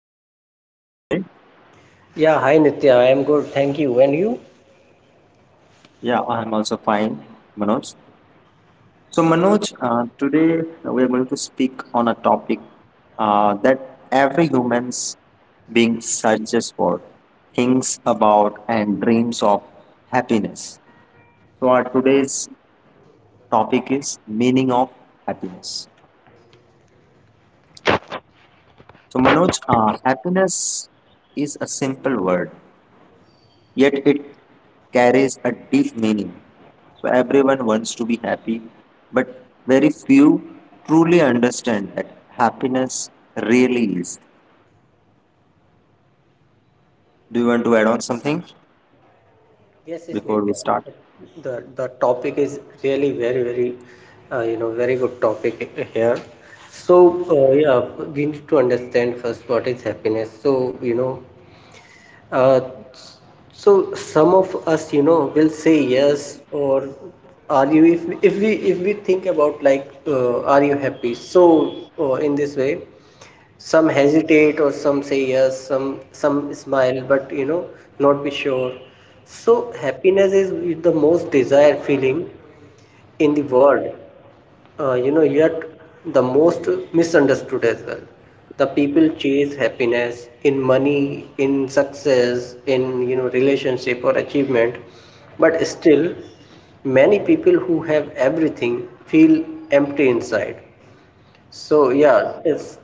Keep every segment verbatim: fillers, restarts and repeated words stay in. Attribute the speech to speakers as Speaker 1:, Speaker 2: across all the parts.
Speaker 1: Hi Manoj, how are you today?
Speaker 2: Yeah, hi Nitya. I am good, thank you. And you?
Speaker 1: Yeah, I'm also fine, Manoj. So Manoj, uh, today we are going to speak on a topic uh, that every human's being searches for, thinks about and dreams of happiness. So our today's topic is meaning of happiness. So, Manoj, uh, happiness is a simple word, yet it carries a deep meaning. So, everyone wants to be happy, but very few truly understand that happiness really is. Do you want to add on something
Speaker 2: Yes, yes,
Speaker 1: before we
Speaker 2: Nitya.
Speaker 1: start?
Speaker 2: The the topic is really very, very, uh, you know, very good topic here. So, uh, yeah, we need to understand first what is happiness. So, you know, uh, so some of us, you know, will say yes. Or are you, if if we if we think about, like, uh, are you happy? So, uh, in this way, some hesitate or some say yes, some some smile but you know not be sure. So happiness is the most desired feeling in the world, uh, you know yet the most misunderstood as well. The people chase happiness in money, in success, in you know relationship or achievement, but still many people who have everything feel empty inside. So yeah, it's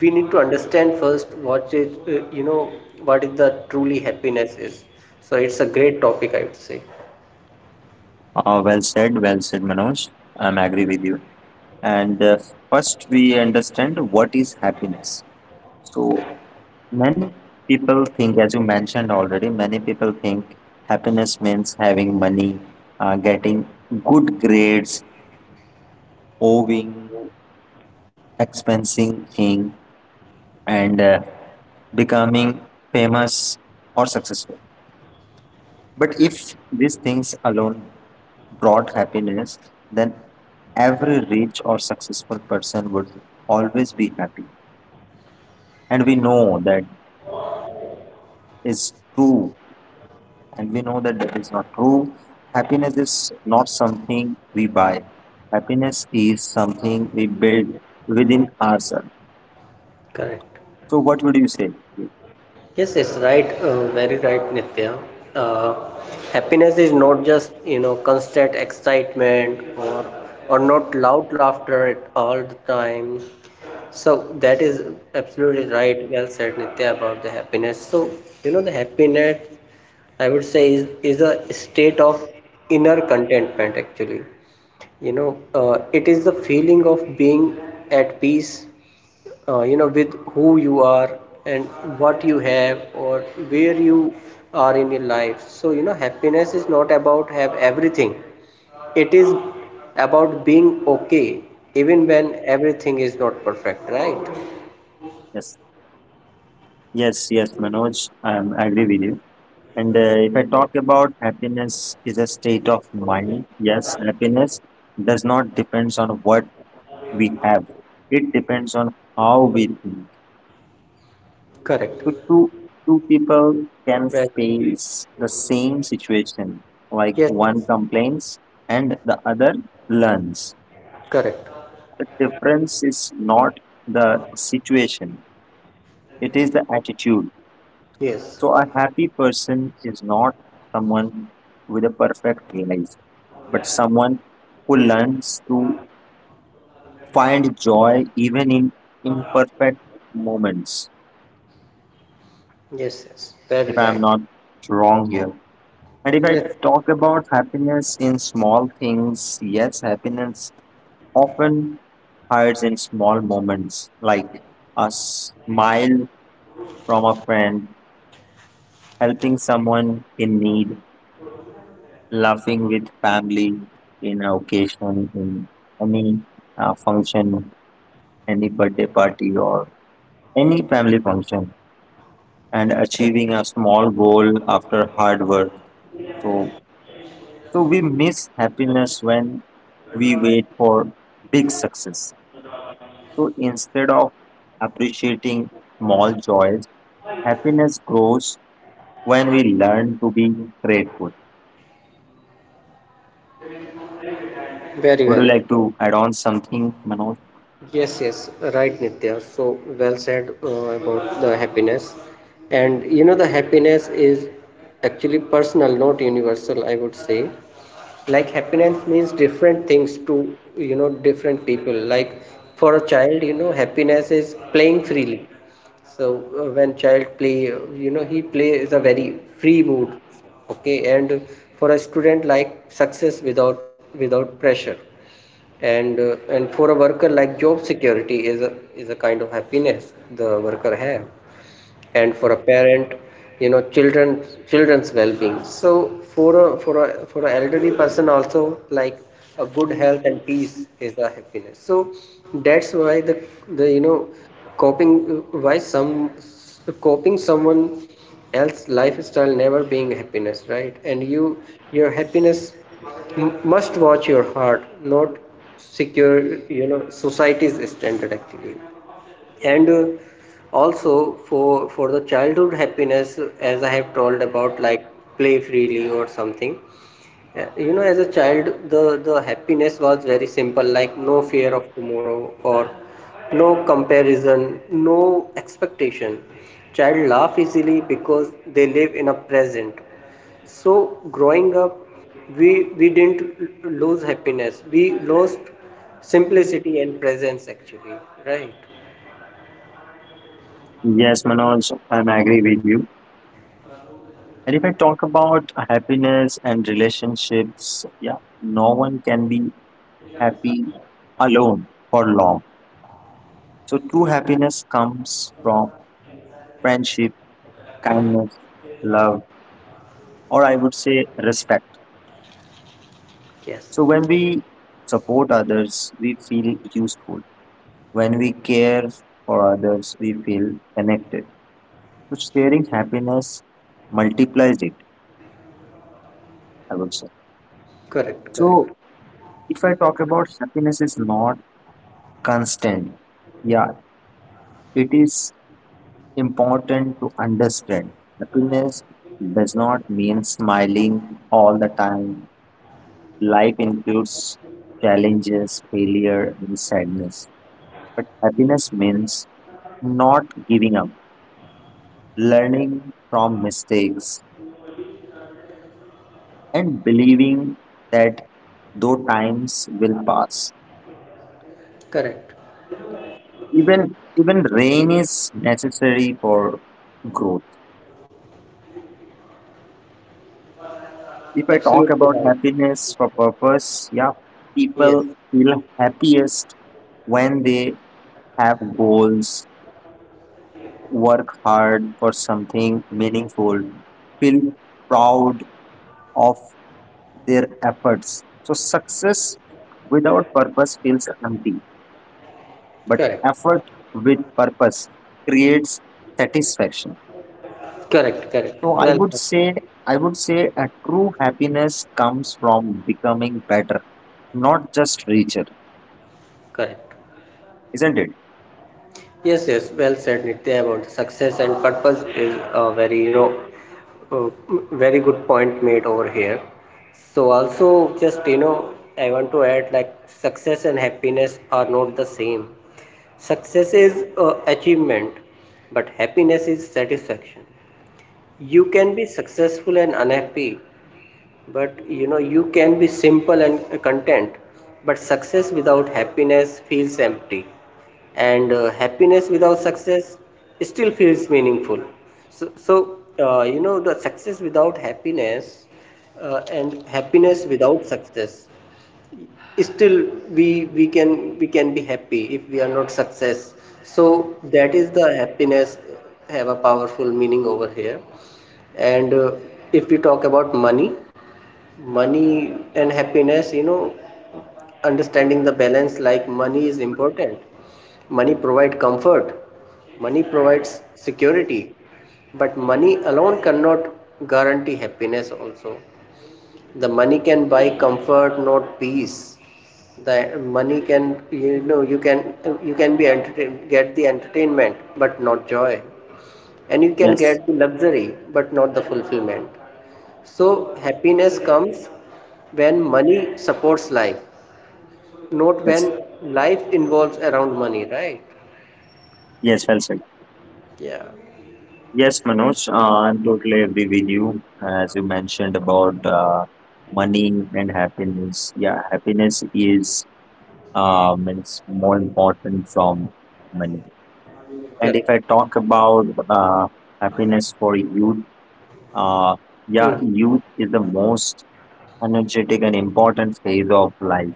Speaker 2: we need to understand first what is, uh, you know what is the truly happiness is. So it's a great topic, I would say.
Speaker 1: Uh, well said, well said, Manoj. I'm agree with you. And uh, first, we understand what is happiness. So, many people think, as you mentioned already, many people think happiness means having money, uh, getting good grades, owning expensive thing, and uh, becoming famous or successful. But if these things alone brought happiness, then every rich or successful person would always be happy. And we know that is true, and we know that that is not true. Happiness is not something we buy, happiness is something we build within ourselves.
Speaker 2: Correct.
Speaker 1: So, what would you say?
Speaker 2: Yes, it's right. Uh, very right, Nitya. Uh, Happiness is not just you know constant excitement, or or not loud laughter at all the time. So that is absolutely right. Well said, Nitya, about the happiness. So you know the happiness, I would say, is, is a state of inner contentment, actually. You know, uh, it is the feeling of being at peace, uh, you know, with who you are and what you have or where you are in your life. So, you know, happiness is not about have everything. It is about being okay even when everything is not perfect, right?
Speaker 1: Yes, yes, yes, Manoj, I am agree with you. And uh, if I talk about happiness is a state of mind, yes, happiness does not depends on what we have. It depends on how we think.
Speaker 2: Correct.
Speaker 1: So two two people can
Speaker 2: Right.
Speaker 1: face the same situation, like one
Speaker 2: Yes.
Speaker 1: complains and the other learns.
Speaker 2: Correct.
Speaker 1: The difference is not the situation; it is the attitude.
Speaker 2: Yes.
Speaker 1: So, a happy person is not someone with a perfect life, but someone who learns to find joy even in imperfect moments,
Speaker 2: Yes, yes,
Speaker 1: if
Speaker 2: very
Speaker 1: I'm
Speaker 2: right.
Speaker 1: not wrong here. And if I
Speaker 2: Yes,
Speaker 1: talk about happiness in small things, yes, happiness often hides in small moments, like a smile from a friend, helping someone in need, laughing with family in a occasion, in any uh, function, any birthday party, or any family function, and achieving a small goal after hard work. So, so we miss happiness when we wait for big success. So instead of appreciating small joys, happiness grows when we learn to be grateful.
Speaker 2: very
Speaker 1: Would you
Speaker 2: well.
Speaker 1: like to add on something, Manoj?
Speaker 2: Yes, yes, right, Nitya. So well said, uh, about the happiness. And you know, the happiness is actually personal, not universal, I would say. Like, happiness means different things to, you know, different people. Like, for a child, you know, happiness is playing freely. So uh, when child play, uh, you know, he play is a very free mood. Okay, and for a student, like success without without pressure, and uh, and for a worker, like job security is a is a kind of happiness the worker have. And for a parent, you know children children's well-being. So for a for a for an elderly person also, like a good health and peace is the happiness. So that's why the the you know coping, why some coping someone else lifestyle never being happiness, right? And you your happiness m- must watch your heart, not secure you know society's standard, actually. And uh, also for for the childhood happiness, as I have told about, like play freely or something. Uh, you know as a child, the the happiness was very simple, like no fear of tomorrow or no comparison, no expectation. Child laugh easily because they live in a present. So growing up, we we didn't l- lose happiness. We lost simplicity and presence, actually, right?
Speaker 1: Yes, Manoj, I'm agree with you. And if I talk about happiness and relationships, yeah, no one can be happy alone for long. So true happiness comes from friendship, kindness, love, or I would say respect.
Speaker 2: Yes.
Speaker 1: So when we support others, we feel useful. When we care for others, we feel connected. So sharing happiness multiplies it, I would say.
Speaker 2: Correct,
Speaker 1: So
Speaker 2: correct,
Speaker 1: if I talk about happiness is not constant. Yeah, it is important to understand happiness does not mean smiling all the time. Life includes challenges, failure, and sadness. But happiness means not giving up, learning from mistakes, and believing that though times will pass,
Speaker 2: correct.
Speaker 1: even even rain is necessary for growth. If I talk
Speaker 2: Absolutely
Speaker 1: about
Speaker 2: right.
Speaker 1: happiness for purpose, yeah,
Speaker 2: Yes,
Speaker 1: people feel happiest when they have goals, work hard for something meaningful, feel proud of their efforts. So, success without purpose feels empty, but
Speaker 2: correct,
Speaker 1: effort with purpose creates satisfaction.
Speaker 2: correct, correct.
Speaker 1: So, I
Speaker 2: Well
Speaker 1: would
Speaker 2: said.
Speaker 1: say, I would say a true happiness comes from becoming better, not just richer.
Speaker 2: Correct.
Speaker 1: Isn't it?
Speaker 2: Yes, yes. Well said, Nitya, about the success and purpose is a very, you know, uh, very good point made over here. So also, just you know, I want to add, like success and happiness are not the same. Success is, uh, achievement, but happiness is satisfaction. You can be successful and unhappy, but you know you can be simple and content. But success without happiness feels empty, and uh, happiness without success still feels meaningful. So, so uh, you know the success without happiness, uh, and happiness without success, still, we we can we can be happy if we are not success. So that is the happiness, have a powerful meaning over here. And uh, if we talk about money. Money and happiness, you know understanding the balance, like money is important. Money provide comfort, money provides security, but money alone cannot guarantee happiness also. The money can buy comfort, not peace. The money can, you know you can you can be entertained, get the entertainment, but not joy. And you can
Speaker 1: Yes,
Speaker 2: get the luxury but not the fulfillment. So happiness comes when money supports life, not when
Speaker 1: yes,
Speaker 2: life involves around money, right?
Speaker 1: yes, well said.
Speaker 2: Yeah,
Speaker 1: Yes, Manoj, uh, I totally agree with you. As you mentioned about uh, money and happiness. Yeah, happiness is uh, means more important from money. And if
Speaker 2: correct.
Speaker 1: I talk about uh, happiness for youth, uh, yeah,
Speaker 2: Hmm.
Speaker 1: youth is the most energetic and important phase of life.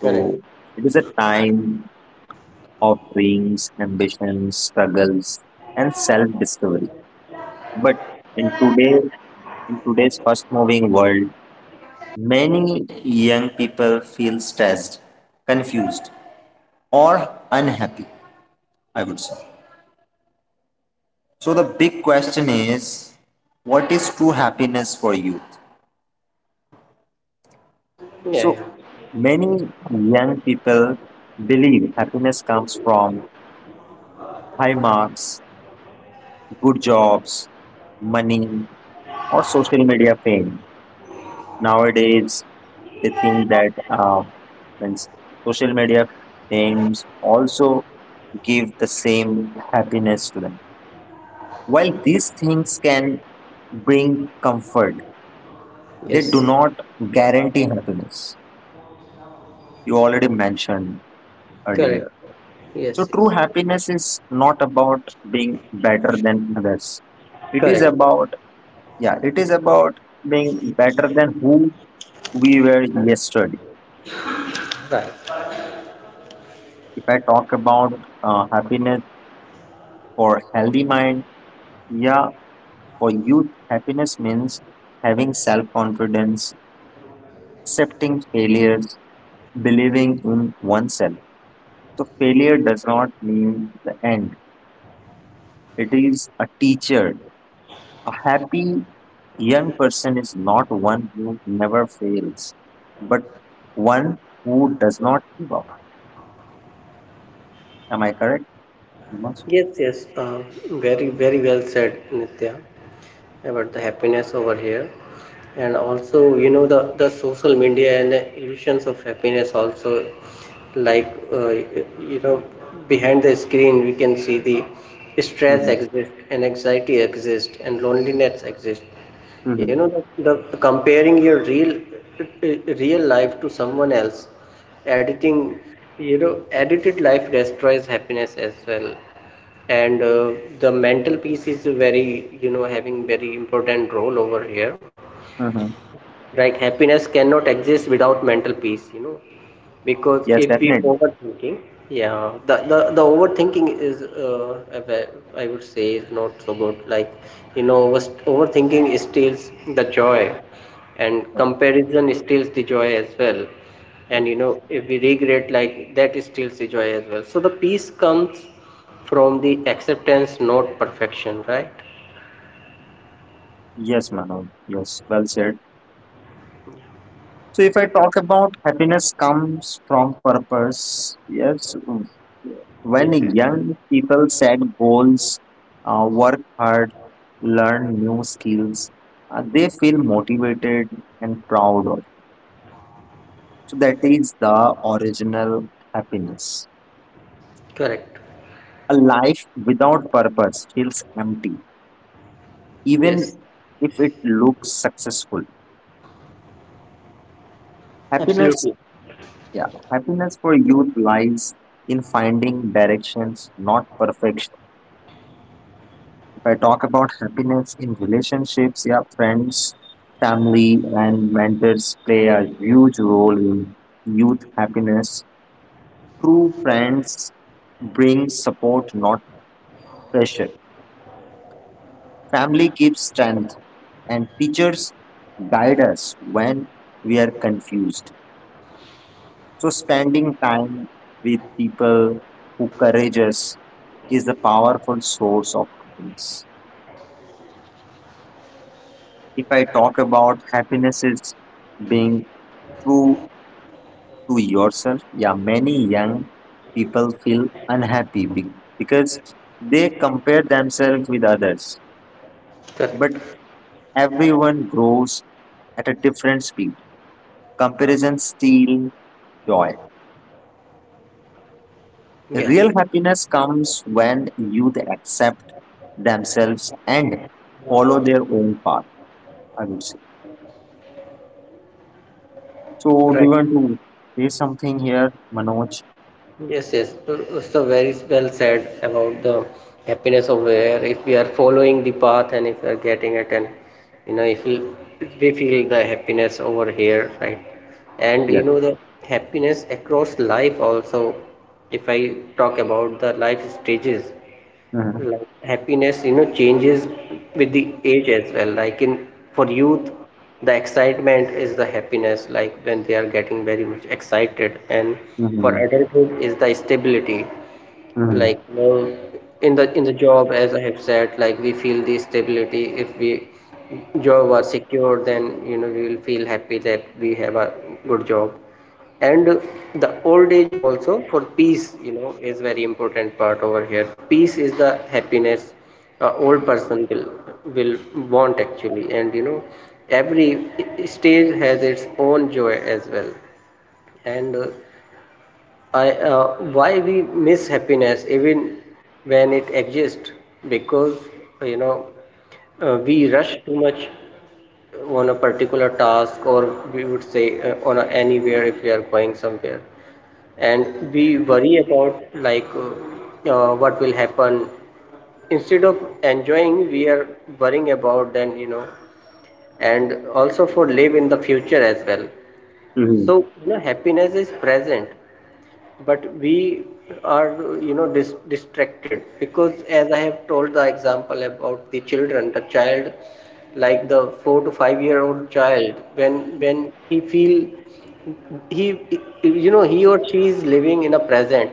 Speaker 1: So
Speaker 2: Correct.
Speaker 1: it is a time of dreams, ambitions, struggles, and self-discovery. But in today, in today's fast-moving world, many young people feel stressed, confused, or unhappy, I would say. So the big question is, what is true happiness for youth?
Speaker 2: Yeah,
Speaker 1: So
Speaker 2: yeah.
Speaker 1: many young people believe happiness comes from high marks, good jobs, money, or social media fame. Nowadays, they think that uh, means social media fames also give the same happiness to them. While these things can bring comfort, they do
Speaker 2: Yes,
Speaker 1: not guarantee happiness. You already mentioned
Speaker 2: correct.
Speaker 1: earlier. So,
Speaker 2: Yes,
Speaker 1: true
Speaker 2: yes,
Speaker 1: happiness is not about being better than others. It is
Speaker 2: correct,
Speaker 1: about, yeah, it is about being better than who we were yesterday.
Speaker 2: right.
Speaker 1: If I talk about uh, happiness for healthy mind, yeah, for youth, happiness means having self confidence, accepting failures, believing in oneself. So, failure does not mean the end, it is a teacher. A happy young person is not one who never fails, but one who does not give up. Am I correct? Mm-hmm.
Speaker 2: Yes, yes, uh, very, very well said, Nitya, about the happiness over here. And also, you know, the, the social media and the illusions of happiness also, like, uh, you know, behind the screen, we can see the stress exist and anxiety exist and loneliness exist. You
Speaker 1: Mm-hmm.
Speaker 2: know, the, the comparing your real real life to someone else, editing, you know, edited life destroys happiness as well. And uh, the mental piece is very, you know, having very important role over here,
Speaker 1: Hmm.
Speaker 2: like happiness cannot exist without mental peace, you know because
Speaker 1: Yes,
Speaker 2: if we
Speaker 1: definitely.
Speaker 2: overthinking. Yeah, the the, the overthinking is, uh, a ve- I would say, is not so good. Like, you know was- overthinking steals the joy, and comparison steals the joy as well. And you know if we regret, like, that steals the joy as well. So the peace comes from the acceptance, not perfection, right?
Speaker 1: Yes, Manav. Yes, well said. So if I talk about happiness comes from purpose, yes,
Speaker 2: Yes,
Speaker 1: when
Speaker 2: yes.
Speaker 1: young people set goals, uh, work hard, learn new skills, uh, they feel motivated and proud. So that is the original happiness.
Speaker 2: Correct.
Speaker 1: A life without purpose feels empty, even
Speaker 2: Yes,
Speaker 1: if it looks successful. Happiness,
Speaker 2: absolutely.
Speaker 1: yeah, happiness for youth lies in finding directions, not perfection. If I talk about happiness in relationships, yeah, friends, family, and mentors play a huge role in youth happiness. True friends bring support, not pressure. Family gives strength and teachers guide us when we are confused. So, spending time with people who courage us is a powerful source of happiness. If I talk about happiness, is being true to yourself. Yeah, many young people feel unhappy be- because they compare themselves with others. But
Speaker 2: Correct.
Speaker 1: everyone grows at a different speed. Comparison steals joy.
Speaker 2: Yes,
Speaker 1: Real happiness comes when youth accept themselves and follow their own path, I would say. So, do you
Speaker 2: right.
Speaker 1: want to say something here, Manoj?
Speaker 2: Yes, yes. So, so very well said about the happiness of where, if we are following the path and if we are getting it, and you know if we if we feel the happiness over here, right? And you
Speaker 1: Yes.
Speaker 2: know the happiness across life also. If I talk about the life stages,
Speaker 1: Mm-hmm.
Speaker 2: like happiness you know changes with the age as well, like in for youth, the excitement is the happiness, like when they are getting very much excited. And for
Speaker 1: Mm-hmm.
Speaker 2: adulthood is the stability,
Speaker 1: Mm-hmm.
Speaker 2: like you in the in the job, as I have said, like we feel the stability, if we job are secure, then you know we will feel happy that we have a good job. And the old age also for peace, you know is very important part over here. The peace is the happiness, a old person will will want, actually. And you know every stage has its own joy as well. And uh, I uh, why we miss happiness even when it exists, because uh, you know uh, we rush too much on a particular task. Or, we would say, uh, on a, anywhere, if we are going somewhere, and we worry about, like, uh, uh, what will happen, instead of enjoying, we are worrying about. Then you know and also for live in the future as well.
Speaker 1: Hmm.
Speaker 2: So you know happiness is present, but we are, you know dis- distracted, because as I have told the example about the children, the child, like the four to five year old child, when when he feel he you know he or she is living in a present,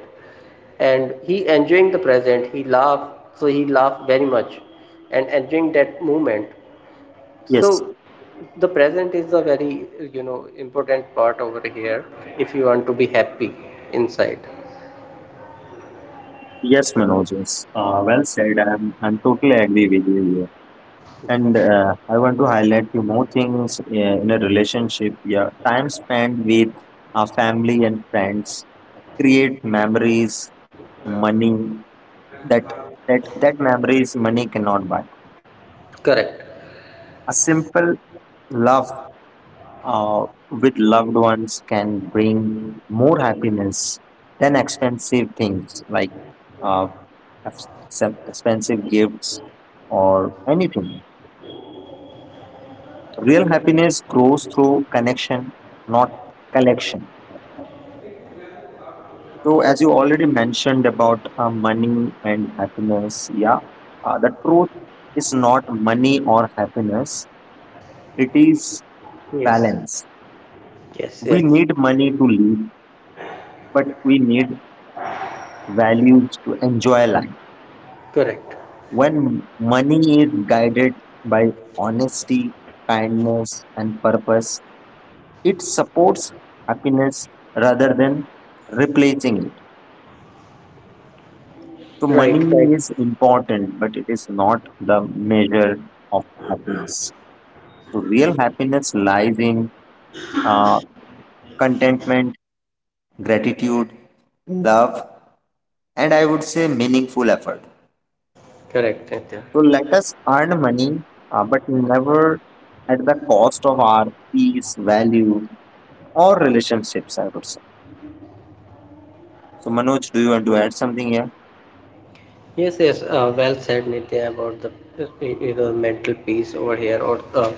Speaker 2: and he enjoying the present, he laugh. So he laugh very much and enjoying that moment. So
Speaker 1: Yes,
Speaker 2: the present is a very, you know, important part over here, if you want to be happy inside.
Speaker 1: yes, Manoj. Yes. Uh, well said. I'm, I'm totally agree with you here. And uh, I want to highlight few more things uh, in a relationship. Yeah, time spent with our family and friends create memories, money, that that that memories money cannot buy.
Speaker 2: Correct.
Speaker 1: A simple love uh, with loved ones can bring more happiness than expensive things like uh, ex- sem- expensive gifts or anything. Real happiness grows through connection, not collection. So, as you already mentioned about uh, money and happiness, yeah, uh, the truth is not money or happiness; it is
Speaker 2: Yes.
Speaker 1: balance.
Speaker 2: Yes,
Speaker 1: We
Speaker 2: yes.
Speaker 1: need money to live, but we need values to enjoy life.
Speaker 2: Correct.
Speaker 1: When money is guided by honesty, kindness, and purpose, it supports happiness rather than replacing it. So,
Speaker 2: Right,
Speaker 1: money
Speaker 2: right.
Speaker 1: is important, but it is not the measure of happiness. So, real happiness lies in uh, contentment, gratitude, love, and I would say meaningful effort.
Speaker 2: Correct, Nitya.
Speaker 1: So let us earn money, uh, but never at the cost of our peace, value, or relationships, I would say. So, Manoj, do you want to add something here?
Speaker 2: Yes, yes. Uh, well said, Nitya, about the, uh, you know mental peace over here, or uh,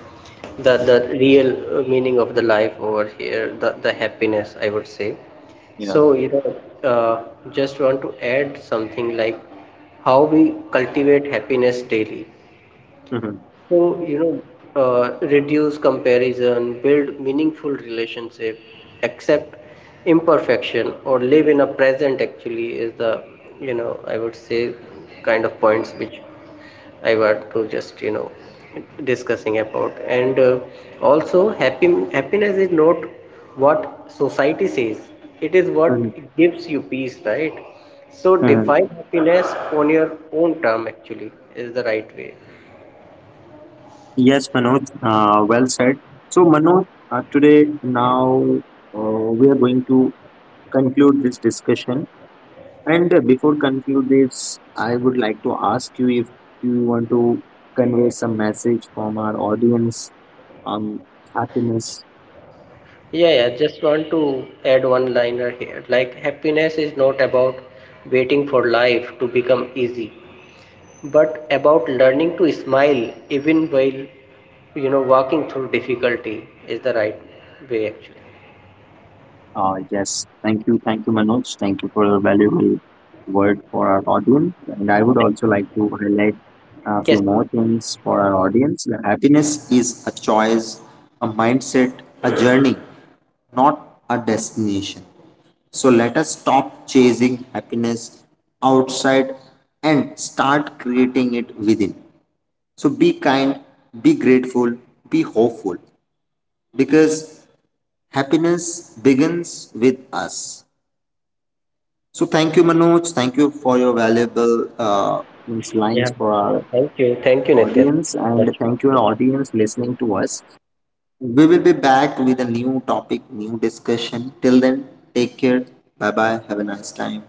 Speaker 2: the the real, uh, meaning of the life over here, the the happiness, I would say.
Speaker 1: Yeah.
Speaker 2: So, you know, uh, just want to add something like how we cultivate happiness daily.
Speaker 1: Hmm.
Speaker 2: So, you know, uh, reduce comparison, build meaningful relationship, accept imperfection, or live in a present, actually, is the, you know, I would say, kind of points which I want to just you know discussing about. And uh, also, happy happiness is not what society says. It is what gives you peace, right? So
Speaker 1: Hmm.
Speaker 2: define happiness on your own term, actually, is the right way.
Speaker 1: Yes, Manoj, uh, well said. So, Manoj, uh, today now uh, we are going to conclude this discussion. And uh, before conclude this, I would like to ask you if you want to convey some message from our audience on happiness.
Speaker 2: Yeah, yeah, just want to add one liner here, like happiness is not about waiting for life to become easy, but about learning to smile even while you know walking through difficulty is the right way, actually.
Speaker 1: Uh, yes, thank you, thank you, Manoj. Thank you for your valuable word for our audience. And I would also like to highlight a
Speaker 2: Yes.
Speaker 1: few more things for our audience. Happiness is a choice, a mindset, a journey, not a destination. So let us stop chasing happiness outside and start creating it within. So be kind, be grateful, be hopeful because happiness begins with us. So thank you, Manoj. Thank you for your valuable uh, means lines
Speaker 2: Yeah.
Speaker 1: for our
Speaker 2: Thank you. Thank you, Nitya. Thank
Speaker 1: audience,
Speaker 2: you so
Speaker 1: and
Speaker 2: much.
Speaker 1: thank you, our
Speaker 2: Yeah.
Speaker 1: audience, listening to us. We will be back with a new topic, new discussion. Till then, take care. Bye bye. Have a nice time.